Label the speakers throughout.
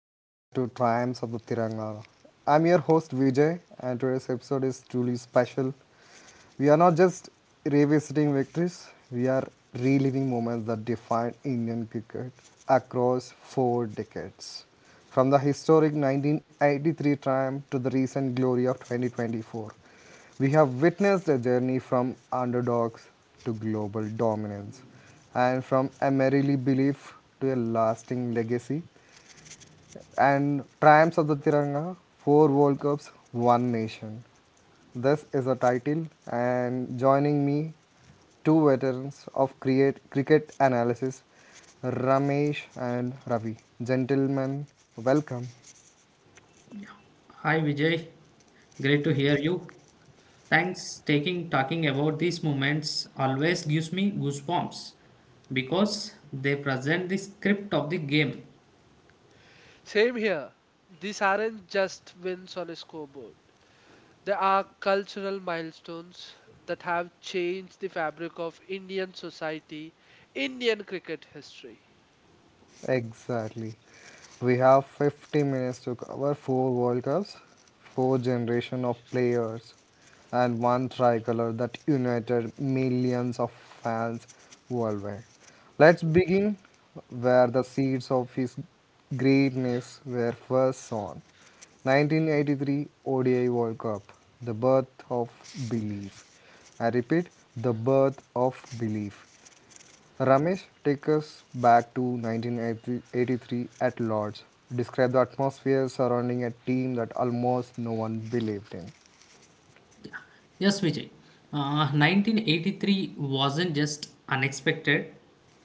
Speaker 1: welcome back to Triumphs of the Tiranga. I'm your host Vijay, and today's episode is truly special. We are not just revisiting victories, we are reliving moments that defined Indian cricket across four decades. From the historic 1983 triumph to the recent glory of 2024, we have witnessed a journey from underdogs to global dominance, and from a merely belief to a lasting legacy, and Triumphs of the Tiranga, four World Cups, one nation. This is a title, and joining me, two veterans of cricket analysis, Ramesh and Ravi. Gentlemen, welcome.
Speaker 2: Hi Vijay, great to hear you. Thanks taking talking about these moments always gives me goosebumps because they present the script of the game.
Speaker 3: Same here. These aren't just wins on a scoreboard. They are cultural milestones that have changed the fabric of Indian society, Indian cricket history.
Speaker 1: Exactly. We have 50 minutes to cover four World Cups, four generation of players, and one tricolor that united millions of fans worldwide. Let's begin where the seeds of his greatness were first sown. 1983 ODI World Cup, the birth of belief. I repeat, the birth of belief. Ramesh, take us back to 1983 at Lords. Describe the atmosphere surrounding a team that almost no one believed in.
Speaker 2: Yes Vijay, 1983 wasn't just unexpected,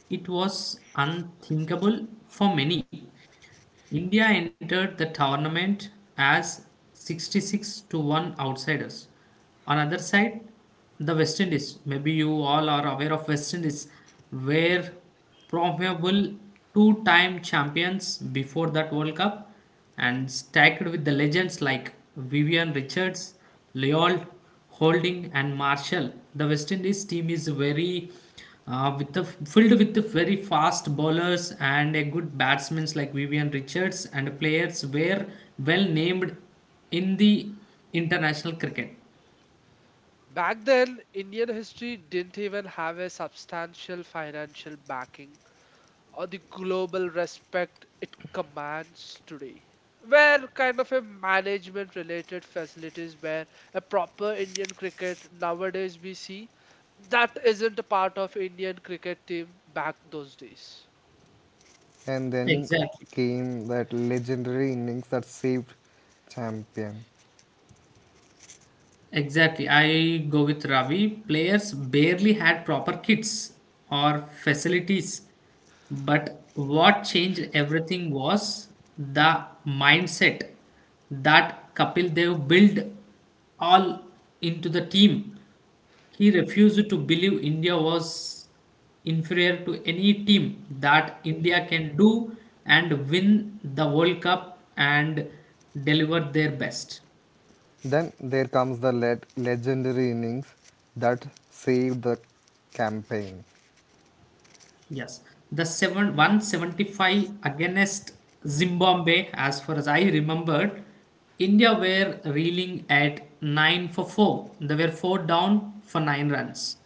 Speaker 2: it was unthinkable for many. India entered the tournament as 66 to 1 outsiders. On other side, the West Indies. Maybe you all are aware of West Indies, were probable two-time champions before that World Cup and stacked with the legends like Vivian Richards, Leal Holding, and Marshall. The West Indies team is filled with the very fast bowlers and a good batsmen like Vivian Richards and players were well named in the international cricket.
Speaker 3: Back then, Indian history didn't even have a substantial financial backing or the global respect it commands today. Where kind of a management related facilities where a proper Indian cricket nowadays we see, that isn't a part of Indian cricket team back those days.
Speaker 1: And then
Speaker 2: Exactly.
Speaker 1: came that legendary innings that saved champion.
Speaker 2: Exactly. I go with Ravi. Players barely had proper kits or facilities. But what changed everything was the mindset that Kapil Dev built all into the team. He refused to believe India was inferior to any team that India can do and win the World Cup and deliver their best.
Speaker 1: Then there comes the legendary innings that saved the campaign.
Speaker 2: Yes, the seven one seventy five against Zimbabwe, as far as I remembered, India were reeling at nine for four. They were four down for 9 runs,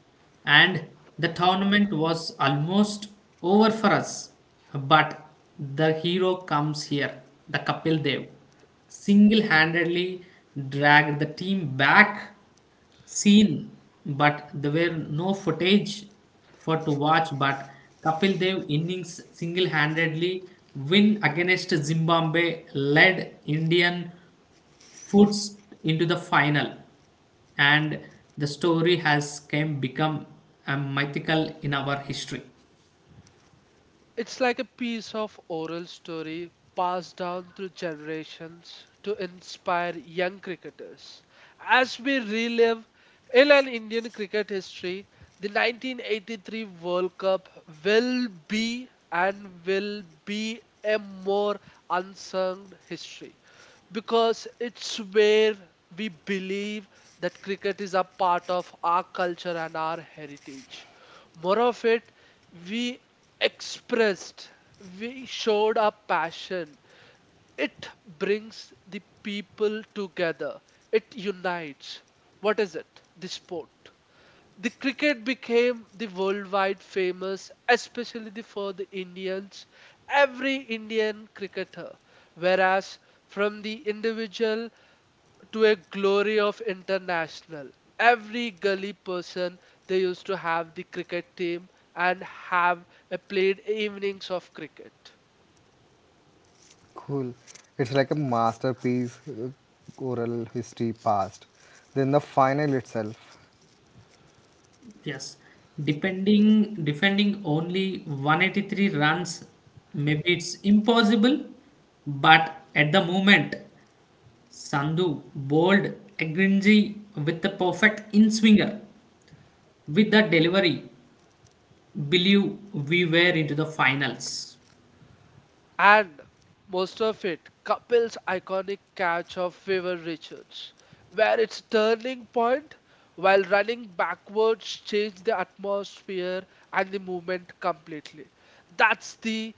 Speaker 2: and the tournament was almost over for us. But the hero comes here, the Kapil Dev, single handedly dragged the team back seen, but there were no footage for to watch. But Kapil Dev innings single-handedly win against Zimbabwe led Indian foots into the final, and the story has came become a mythical in our history.
Speaker 3: It's like a piece of oral story passed down through generations to inspire young cricketers. As we relive in an Indian cricket history, the 1983 World Cup will be and will be a more unsung history, because it's where we believe that cricket is a part of our culture and our heritage. More of it, we expressed, we showed our passion. It brings the people together, it unites. What is it? The sport, the cricket, became the worldwide famous, especially for the Indians, every Indian cricketer. Whereas from the individual to a glory of international. Every gully person, they used to have the cricket team and have a played evenings of cricket.
Speaker 1: Cool. It's like a masterpiece oral history past. Then the final itself.
Speaker 2: Yes, depending defending only 183 runs, maybe it's impossible, but at the moment Sandhu bowled Agrinji with the perfect in swinger. With that delivery, believe we were into the finals.
Speaker 3: And most of it, Kapil's iconic catch of Favor Richards, where its turning point while running backwards changed the atmosphere and the movement completely. That's the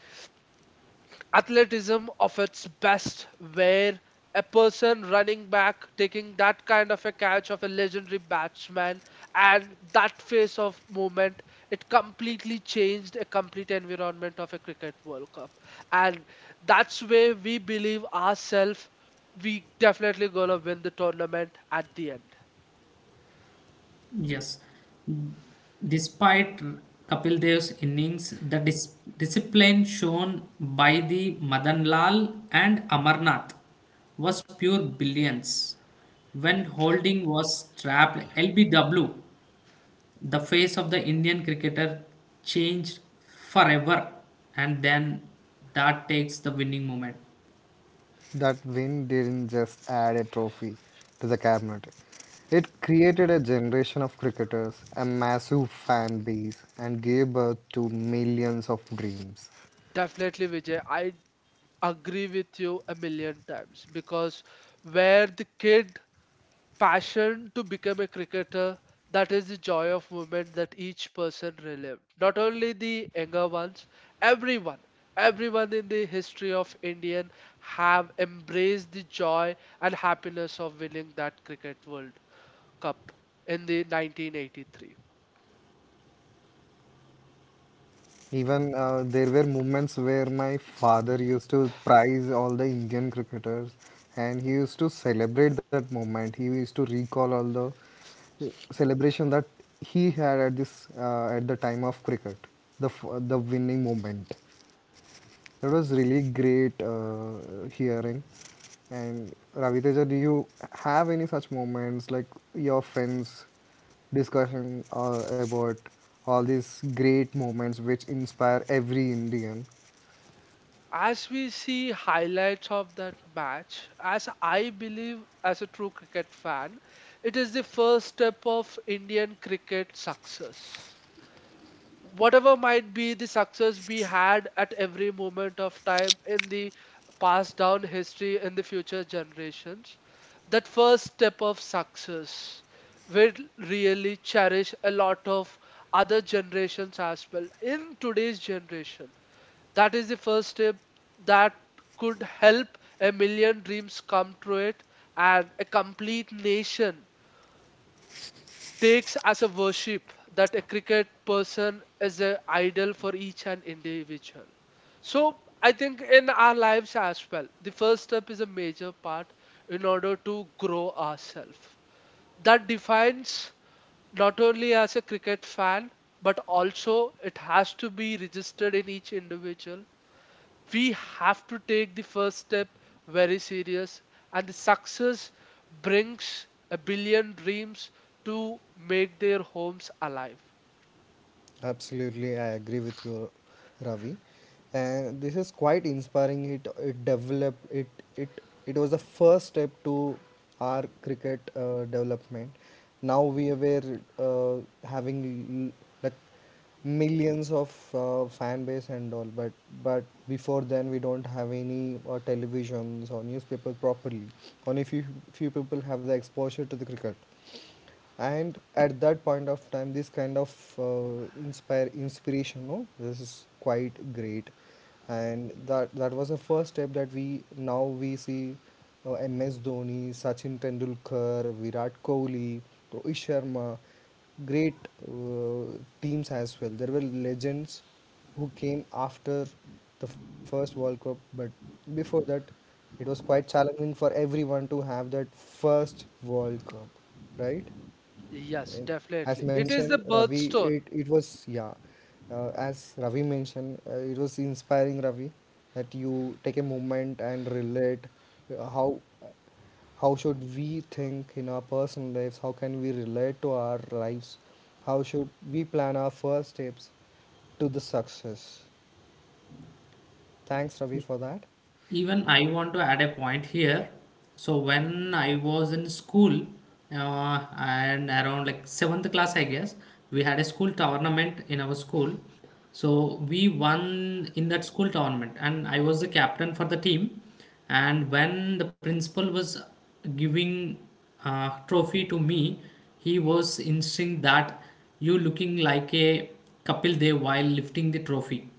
Speaker 3: athleticism of its best, where a person running back taking that kind of a catch of a legendary batsman and that phase of movement, it completely changed a complete environment of a cricket World Cup. And that's where we believe ourselves, we definitely gonna win the tournament at the end.
Speaker 2: Yes, despite Kapil Dev's innings, the discipline shown by the Madan Lal and Amarnath was pure brilliance. When holding was trapped, LBW, the face of the Indian cricketer changed forever, and then that takes the winning moment.
Speaker 1: That win didn't just add a trophy to the cabinet. It created a generation of cricketers, a massive fan base, and gave birth to millions of dreams.
Speaker 3: Definitely, Vijay. I agree with you a million times, because where the kid passion to become a cricketer, that is the joy of movement that each person relived. Not only the younger ones, everyone everyone in the history of Indian have embraced the joy and happiness of winning that cricket world cup in the 1983.
Speaker 1: Even there were moments where my father used to prize all the Indian cricketers, and he used to celebrate that moment. He used to recall all the celebration that he had at this at the time of cricket, the winning moment. That was really great hearing. And Raviteja, do you have any such moments like your friends discussion about all these great moments which inspire every Indian?
Speaker 3: As we see highlights of that match, as I believe, as a true cricket fan, it is the first step of Indian cricket success. Whatever might be the success we had at every moment of time in the past down history, in the future generations, that first step of success will really cherish a lot of other generations as well. In today's generation, that is the first step that could help a million dreams come true, it and a complete nation takes as a worship that a cricket person is an idol for each and individual. So I think in our lives as well, the first step is a major part in order to grow ourselves. That defines not only as a cricket fan, but also it has to be registered in each individual. We have to take the first step very serious, and the success brings a billion dreams to make their homes alive.
Speaker 1: Absolutely, I agree with you, Ravi. And this is quite inspiring. It developed it it it was the first step to our cricket development. Now we were having like millions of fan base and all, but before then we don't have any televisions or newspaper properly. Only few people have the exposure to the cricket, and at that point of time this kind of inspire inspiration no, this is quite great. And that was the first step that we see MS Dhoni, Sachin Tendulkar, Virat Kohli, Rohit Sharma, great teams as well. There were legends who came after the first World Cup, but before that, it was quite challenging for everyone to have that first World Cup, right?
Speaker 3: Yes,
Speaker 1: And as
Speaker 3: definitely, it
Speaker 2: Yes.
Speaker 3: is
Speaker 1: mentioned,
Speaker 3: the
Speaker 1: Ravi,
Speaker 3: birthstone.
Speaker 1: it was, yeah, as Ravi mentioned, it was inspiring, Ravi, that you take a moment and relate how should we think in our personal lives, how can we relate to our lives, how should we plan our first steps to the success. Thanks, Ravi, for that.
Speaker 2: Even I want to add a point here. So when I was in school, and around like seventh class, I guess we had a school tournament in our school. So we won in that school tournament, and I was the captain for the team. And when the principal was giving trophy to me. He was insisting that you looking like a Kapil Dev while lifting the trophy.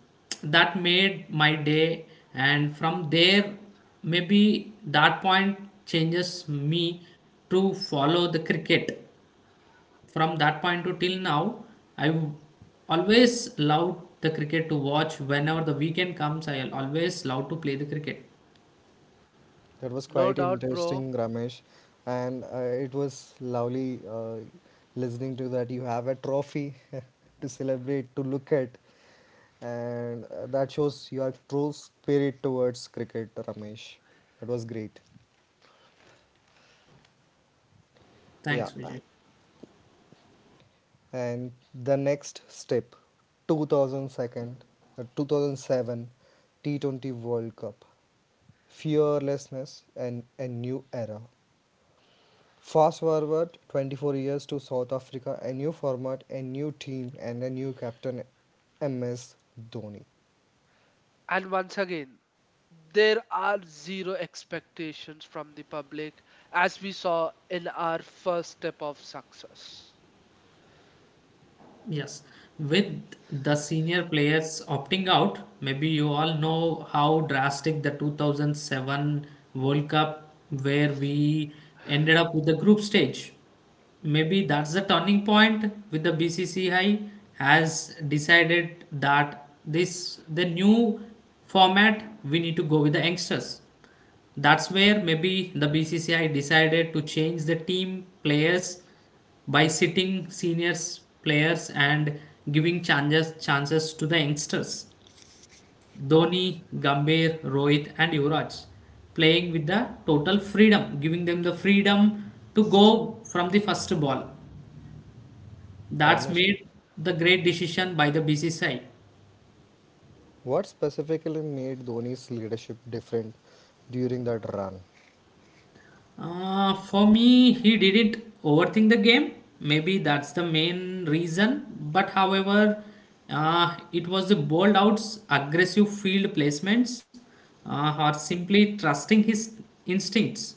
Speaker 2: That made my day, and from there, maybe that point changes me to follow the cricket. From that point to till now, I always love the cricket to watch. Whenever the weekend comes, I always love to play the cricket.
Speaker 1: That was
Speaker 3: No
Speaker 1: quite
Speaker 3: doubt, bro.
Speaker 1: interesting, Ramesh, and it was lovely listening to that. You have a trophy to celebrate, to look at, and that shows your true spirit towards cricket, Ramesh. That was great. Yeah,
Speaker 2: Thanks, Vijay.
Speaker 1: and the next step, two thousand second, 2007 T20 World Cup, fearlessness and a new era. Fast forward 24 years to South Africa, a new format, a new team, and a new captain, MS Dhoni.
Speaker 3: And once again, there are zero expectations from the public, as we saw in our first step of success.
Speaker 2: Yes, with the senior players opting out, maybe you all know how drastic the 2007 World Cup, where we ended up with the group stage. Maybe that's the turning point with the BCCI has decided that this the new format we need to go with the youngsters. That's where maybe the BCCI decided to change the team players by sitting seniors players and giving chances to the youngsters. Dhoni, Gambhir, Rohit, and Yuvraj playing with the total freedom, giving them the freedom to go from the first ball. That's
Speaker 1: Ramesh,
Speaker 2: made the great decision by the BCCI.
Speaker 1: what specifically made Dhoni's leadership different during that run?
Speaker 2: For me, he didn't overthink the game. Maybe that's the main reason. But however, it was the bold outs, aggressive field placements, or simply trusting his instincts.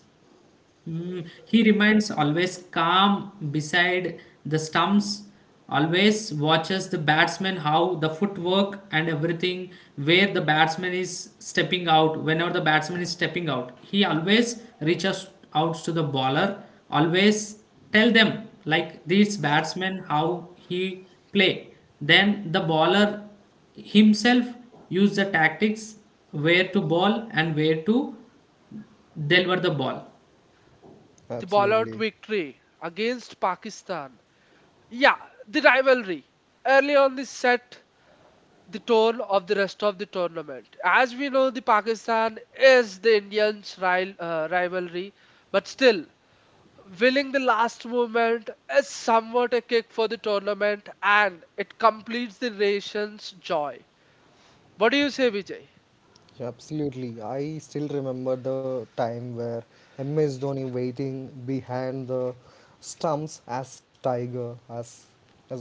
Speaker 2: He remains always calm beside the stumps, always watches the batsman how the footwork and everything where the batsman is stepping out. Whenever the batsman is stepping out, he always reaches out to the bowler, always tell them like this batsman how he play. Then the bowler himself use the tactics where to ball and where to deliver the ball.
Speaker 3: The ball out
Speaker 1: Absolutely.
Speaker 3: victory against Pakistan, yeah. The rivalry early on the set the tone of the rest of the tournament. As we know, the Pakistan is the Indians' ri- rivalry, but still, winning the last moment is somewhat a kick for the tournament, and it completes the nation's joy. What do you say, Vijay?
Speaker 1: Absolutely. I still remember the time where MS Dhoni waiting behind the stumps as Tiger, as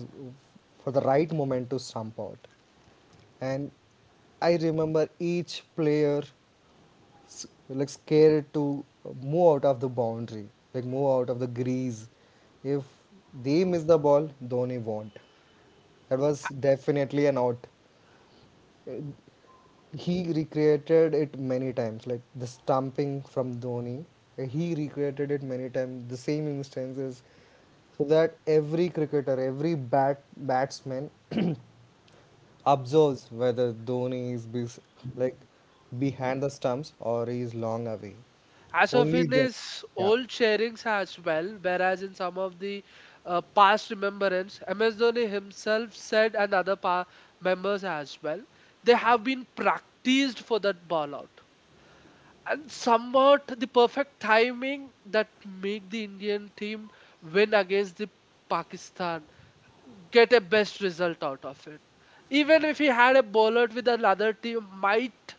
Speaker 1: for the right moment to stump out. And I remember each player like scared to move out of the boundary, like move out of the grease. If they miss the ball, Dhoni won't. That was definitely an out. He recreated it many times, like the stamping from Dhoni. He recreated it many times, the same instances, so that every cricketer, every batsman observes whether Dhoni is like behind the stumps or he is long away.
Speaker 3: As of
Speaker 1: Only
Speaker 3: in
Speaker 1: then,
Speaker 3: his
Speaker 1: yeah.
Speaker 3: old sharings as well, whereas in some of the past remembrance, MS Dhoni himself said, and other pa- members as well, they have been practiced for that ball out. And somewhat the perfect timing that make the Indian team win against the Pakistan, get a best result out of it. Even if he had a bowler with another team, might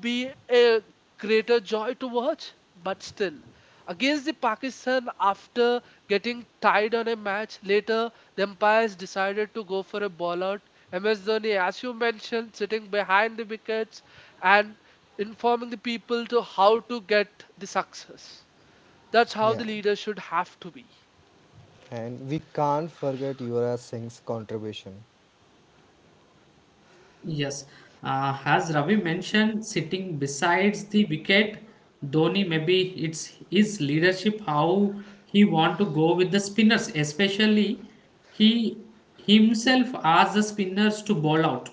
Speaker 3: be a greater joy to watch. But still, against the Pakistan, after getting tied on a match, later the umpires decided to go for a ball out. MS Dhoni, as you mentioned, sitting behind the wickets and informing the people to how to get the success. That's how the
Speaker 1: Yeah,
Speaker 3: leader should have to be.
Speaker 1: and we can't forget Yuvraj Singh's contribution.
Speaker 2: Yes. As Ravi mentioned, sitting besides the wicket, Dhoni maybe it's his leadership how he want to go with the spinners, especially he himself asked the spinners to bowl out.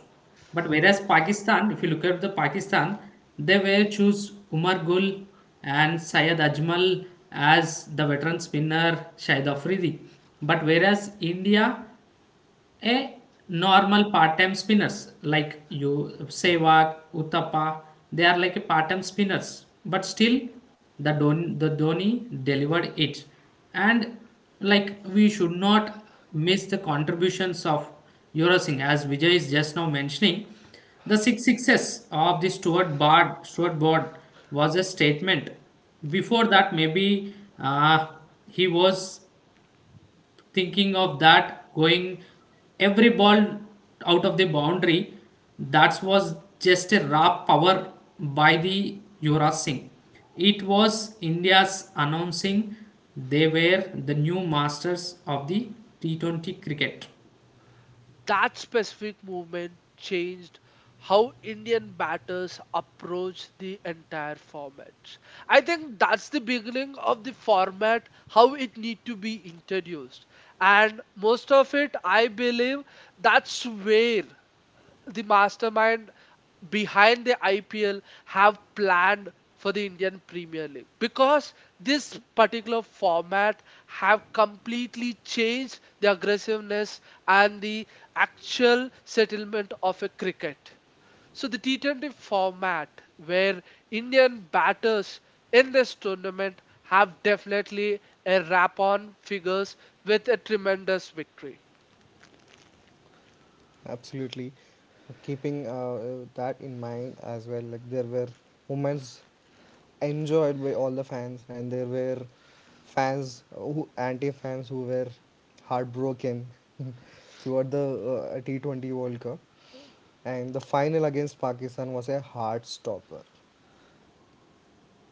Speaker 2: But whereas Pakistan, if you look at the Pakistan, they were choose Umar Gul and Syed Ajmal as the veteran spinner Shahid Afridi. But whereas India a normal part-time spinners like you Sehwag, Uttapa, they are like a part-time spinners. But still, the Dhoni delivered it, and like we should not miss the contributions of Yuvraj Singh as Vijay is just now mentioning. The six sixes of the Stuart Broad was a statement. Before that, maybe uh, he was thinking of that going every ball out of the boundary. That was just a raw power by the Yuvraj Singh. It was India's announcing they were the new masters of the T20 cricket.
Speaker 3: That specific movement changed how Indian batters approach the entire format. I think that's the beginning of the format, how it need to be introduced. And most of it, I believe, that's where the mastermind behind the IPL have planned for the Indian Premier League, because this particular format have completely changed the aggressiveness and the actual settlement of a cricket. So the T20 format, where Indian batters in this tournament have definitely a wrap on figures with a tremendous victory.
Speaker 1: Absolutely, keeping that in mind as well. Like there were moments enjoyed by all the fans, and there were fans who anti-fans who were heartbroken throughout the T 20 World Cup, and the final against Pakistan was a heart stopper.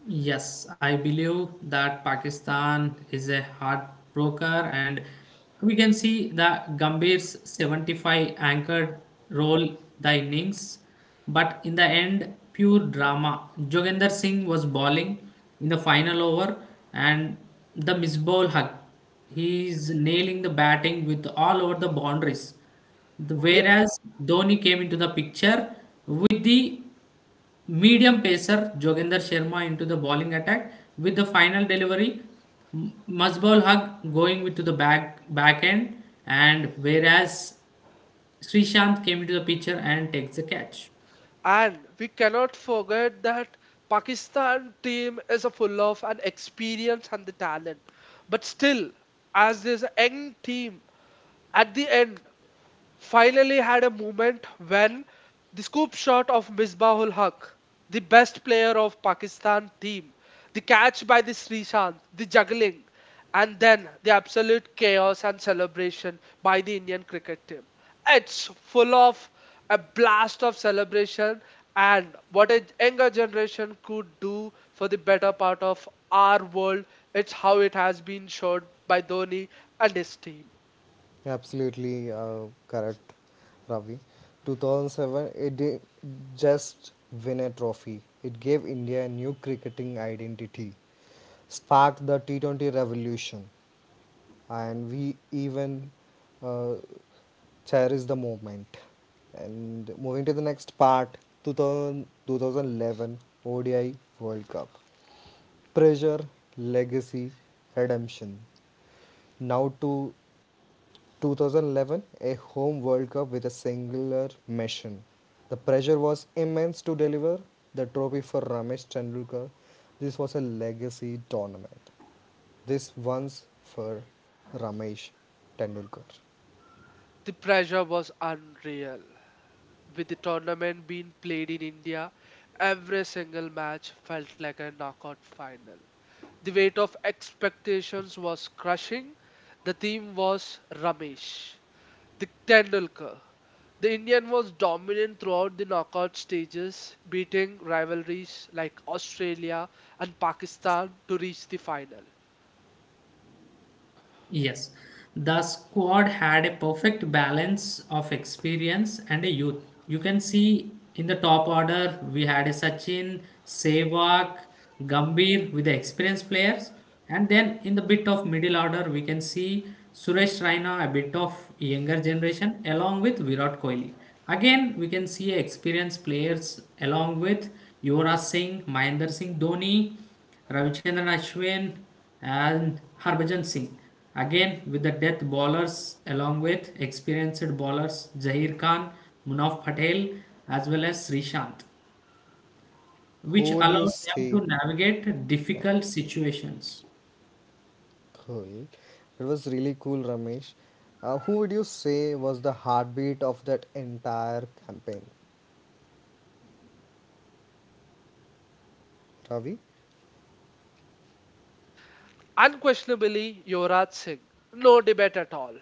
Speaker 2: Yes, I believe that Pakistan is a heartbroker, and we can see that Gambhir's 75 anchored role the innings, but in the end, pure drama. Joginder Singh was bowling in the final over, and the miss ball hug. He is nailing the batting with all over the boundaries. Whereas Dhoni came into the picture with the medium pacer Joginder Sharma into the bowling attack with the final delivery. Masbol Haq going with to the back end, and whereas Srishant came into the picture and takes the catch.
Speaker 3: And we cannot forget that Pakistan team is a full of an experience and the talent. But still, as there's a young team, at the end finally had a moment when the scoop shot of Misbahul Haq, the best player of Pakistan team, the catch by the Srishant, the juggling, and then the absolute chaos and celebration by the Indian cricket team. It's full of a blast of celebration and what a younger generation could do for the better part of our world. It's how it has been showed by Dhoni and his team.
Speaker 1: Yeah, absolutely correct, Ravi. 2007, it did just win a trophy. It gave India a new cricketing identity, sparked the T20 revolution, and we even uh, cherish the moment. And moving to the next part, 2011 ODI World Cup. Pressure, legacy, redemption. Now to 2011, a home World Cup with a singular mission. The pressure was immense to deliver the trophy for Ramesh Tendulkar. This was a legacy tournament. This once for Ramesh Tendulkar.
Speaker 3: The pressure was unreal. With the tournament being played in India, every single match felt like a knockout final. The weight of expectations was crushing. The team was Ramesh, the Tendulkar. The Indian was dominant throughout the knockout stages, beating rivalries like Australia and Pakistan to reach the final.
Speaker 2: Yes, the squad had a perfect balance of experience and a youth. You can see in the top order, we had a Sachin, Sehwag, Gambhir with the experienced players. And then in the bit of middle order, we can see Suresh Raina, a bit of younger generation, along with Virat Kohli. Again, we can see experienced players along with Yuvraj Singh, Mahendra Singh Dhoni, Ravichandran Ashwin and Harbhajan Singh. Again with the death bowlers along with experienced bowlers Zahir Khan, Munaf Patel as well as Srishant, which
Speaker 1: Who would you
Speaker 2: allowed them
Speaker 1: say?
Speaker 2: to navigate
Speaker 1: Yeah,
Speaker 2: difficult situations.
Speaker 1: cool. It was really cool, Ramesh. Who would you say was the heartbeat of that entire campaign, Ravi?
Speaker 3: Unquestionably, Yuvraj Singh, no debate at all.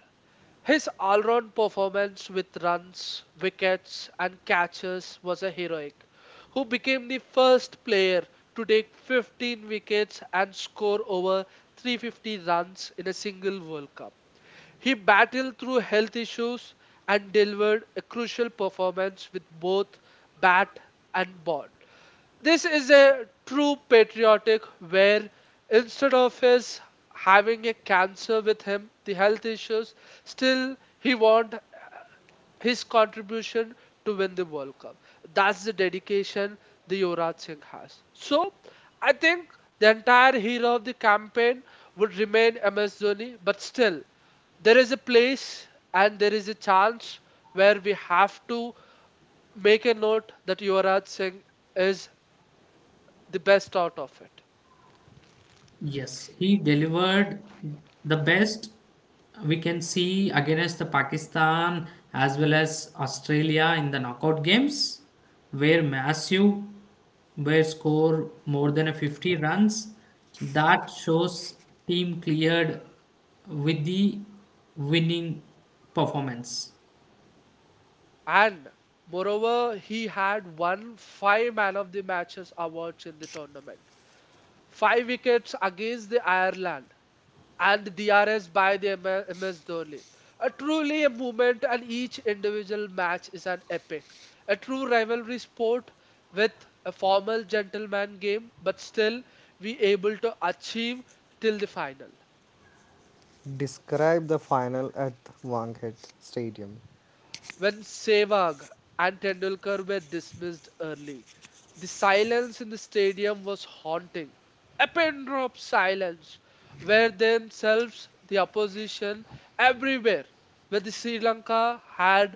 Speaker 3: His all round performance with runs, wickets, and catches was a heroic, who became the first player to take 15 wickets and score over 350 runs in a single World Cup. He battled through health issues and delivered a crucial performance with both bat and ball. This is a true patriotic where instead of his having a cancer with him, the health issues, still he want his contribution to win the World Cup. That's the dedication the Yuvraj Singh has. So I think the entire hero of the campaign would remain MS Dhoni, but still there is a place and there is a chance where we have to make a note that Yuvraj Singh is the best out of it.
Speaker 2: Yes, he delivered the best we can see against the Pakistan as well as Australia in the knockout games, where massive where score more than a 50 runs. That shows team cleared with the winning performance.
Speaker 3: And moreover, he had won five man of the matches awards in the tournament. Five wickets against the Ireland and DRS by the M- MS Dhoni. A truly a moment, and each individual match is an epic. A true rivalry sport with a formal gentleman game, but still we able to achieve till the final.
Speaker 1: Describe the final at Wankhede Stadium.
Speaker 3: When Sehwag and Tendulkar were dismissed early, the silence in the stadium was haunting. A pin drop silence, where themselves the opposition everywhere, where the Sri Lanka had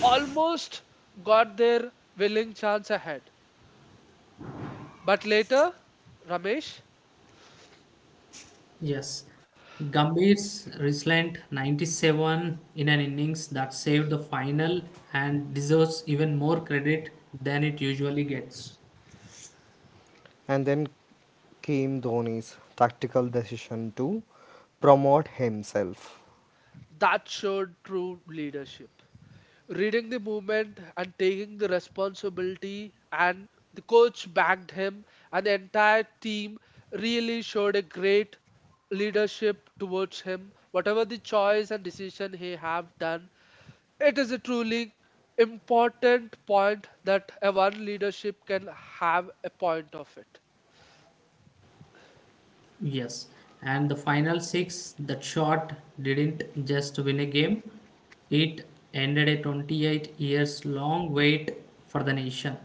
Speaker 3: almost got their willing chance ahead. But later, Ramesh,
Speaker 2: Yes, Gambhir's resilient 97 in an innings that saved the final and deserves even more credit than it usually gets.
Speaker 1: And then came Dhoni's tactical decision to promote himself.
Speaker 3: that showed true leadership. Reading the movement and taking the responsibility, and the coach backed him, and the entire team really showed a great leadership towards him. Whatever the choice and decision he have done, it is a truly important point that a one leadership can have a point of it.
Speaker 2: Yes, and the final six, that shot didn't just win a game, it ended a 28 years long wait for the nation.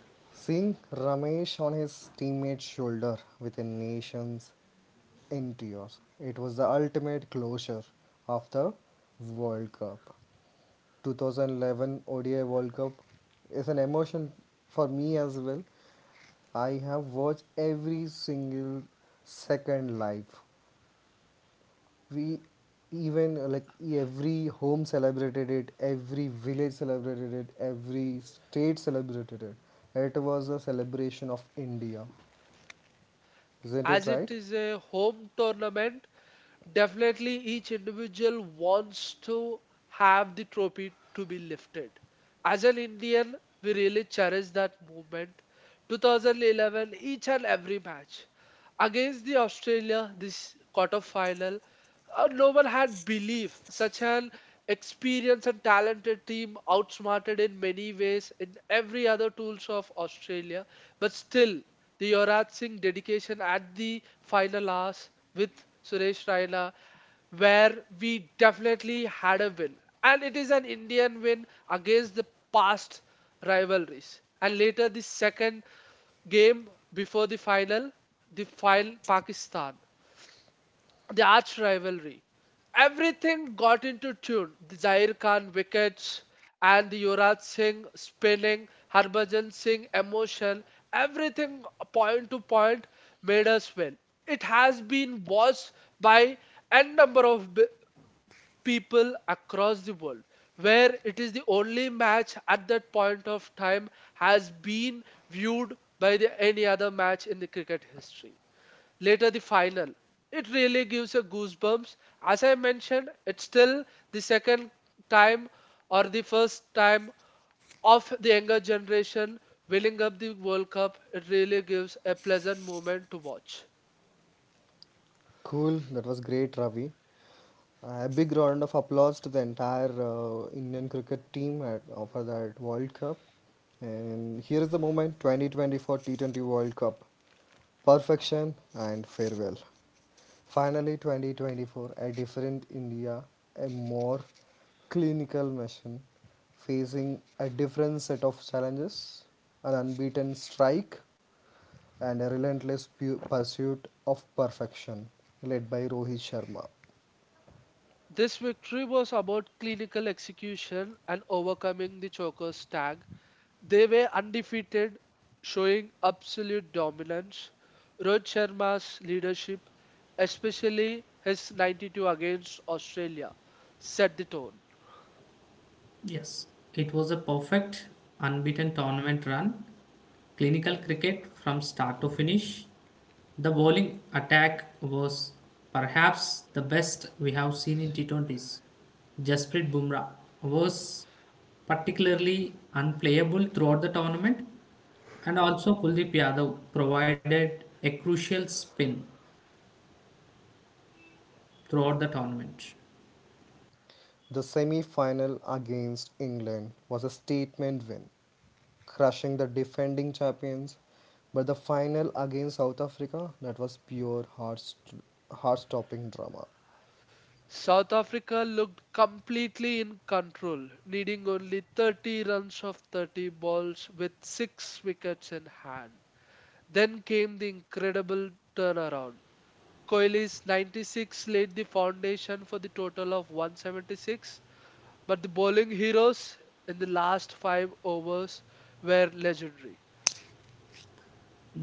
Speaker 1: Seeing Ramesh on his teammate's shoulder with a nation's in tears, it was the ultimate closure of the World Cup. 2011 ODI World Cup is an emotion for me as well. I have watched every single second live. We even, like, every home celebrated it, every village celebrated it, every state celebrated it. It was a celebration of India, isn't it
Speaker 3: As it
Speaker 1: right?
Speaker 3: is a home tournament, definitely each individual wants to have the trophy to be lifted. As an Indian, we really cherish that movement. 2011, each and every match against the Australia, this quarter final. No one had belief. Such an experienced and talented team outsmarted in many ways in every other tools of Australia. But still, the Yuvraj Singh dedication at the final hours with Suresh Raina, where we definitely had a win. And it is an Indian win against the past rivalries. And later, the second game before the final Pakistan, the arch rivalry. Everything got into tune. The Zair Khan wickets and the Yuvraj Singh spinning, Harbhajan Singh emotion, everything point to point made us win. It has been watched by n number of b- people across the world, where it is the only match at that point of time has been viewed by the, any other match in the cricket history. Later the final, it really gives a goosebumps. As I mentioned, it's still the second time or the first time of the younger generation winning up the world cup. It really gives a pleasant moment to watch.
Speaker 1: Cool, that was great, Ravi. A big round of applause to the entire Indian cricket team for that World Cup. And here is the moment, 2024 T20 World Cup. Perfection and farewell. Finally, 2024, a different India, a more clinical machine facing a different set of challenges, an unbeaten strike and a relentless pursuit of perfection led by Rohit Sharma.
Speaker 3: This victory was about clinical execution and overcoming the choker's tag. They were undefeated, showing absolute dominance. Rohit Sharma's leadership, especially his 92 against Australia, set the tone.
Speaker 2: Yes, it was a perfect unbeaten tournament run, clinical cricket from start to finish. The bowling attack was perhaps the best we have seen in T20s. Jasprit Bumrah was particularly unplayable throughout the tournament, and also Kuldeep Yadav provided a crucial spin throughout the tournament.
Speaker 1: The semi final against England was a statement win, crushing the defending champions, but the final against South Africa, that was pure heart stopping drama.
Speaker 3: South Africa looked completely in control, needing only 30 runs of 30 balls with 6 wickets in hand. Then came the incredible turnaround. Kohli's 96 laid the foundation for the total of 176, but the bowling heroes in the last 5 overs were legendary.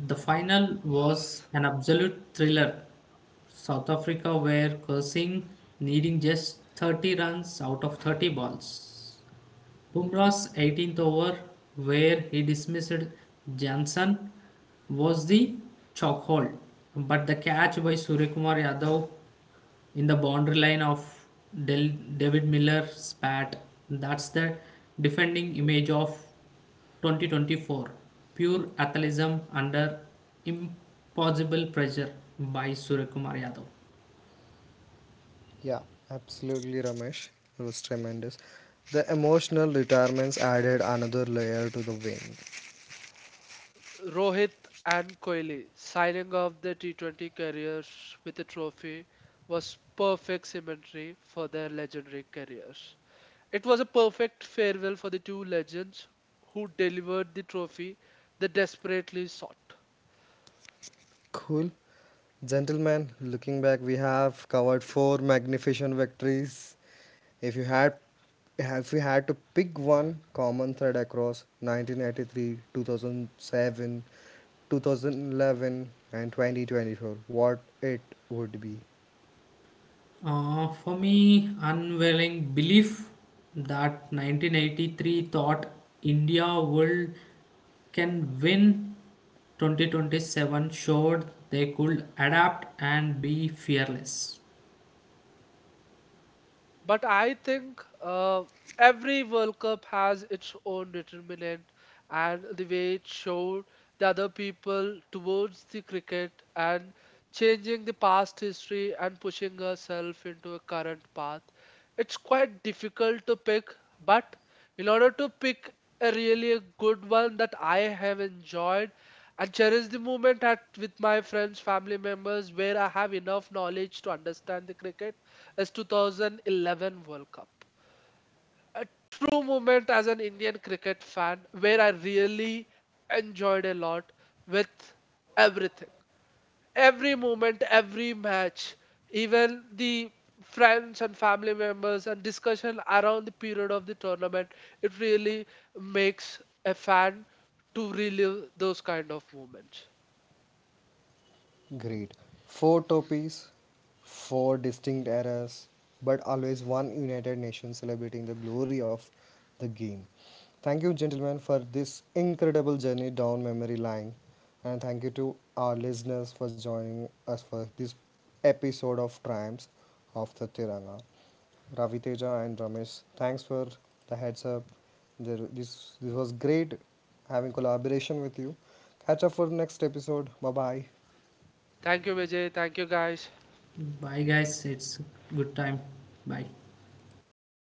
Speaker 2: The final was an absolute thriller. South Africa were cursing, needing just 30 runs out of 30 balls. Bumrah's 18th over, where he dismissed Jansen, was the chokehold, but the catch by Suryakumar Yadav in the boundary line of David Miller's bat, that's the defending image of 2024. Pure athleticism under impossible pressure by Suryakumar Yadav.
Speaker 1: Yeah, absolutely, Ramesh. It was tremendous. The emotional retirements added another layer to the win.
Speaker 3: Rohit and Kohli signing off their T20 careers with a trophy was perfect symmetry for their legendary careers. It was a perfect farewell for the two legends who delivered the trophy they desperately sought.
Speaker 1: Cool. Gentlemen, looking back, we have covered four magnificent victories. If you had if we had to pick one common thread across 1993, 2007, 2011, and 2024, what it would be?
Speaker 2: For me, unwelling belief that 1983 thought India would can win. 2027 showed they could adapt and be fearless.
Speaker 3: But I think every World Cup has its own determinant and the way it showed the other people towards the cricket and changing the past history and pushing herself into a current path. It's quite difficult to pick, but in order to pick a really a good one that I have enjoyed and cherish the moment at with my friends, family members, where I have enough knowledge to understand the cricket is 2011 World Cup. A true moment as an Indian cricket fan, where I really enjoyed a lot with everything. Every moment, every match, even the friends and family members and discussion around the period of the tournament, it really makes a fan to relive those kind of moments.
Speaker 1: Great. Four topics, four distinct eras, but always one United Nations celebrating the glory of the game. Thank you, gentlemen, for this incredible journey down memory line. And thank you to our listeners for joining us for this episode of Triumphs of the Tiranga. Ravi Teja and Ramesh, thanks for the heads up. There, this was great having collaboration with you. Catch up for next episode. Bye bye.
Speaker 3: Thank you, Vijay. Thank you, guys.
Speaker 2: Bye, guys. It's good time. Bye.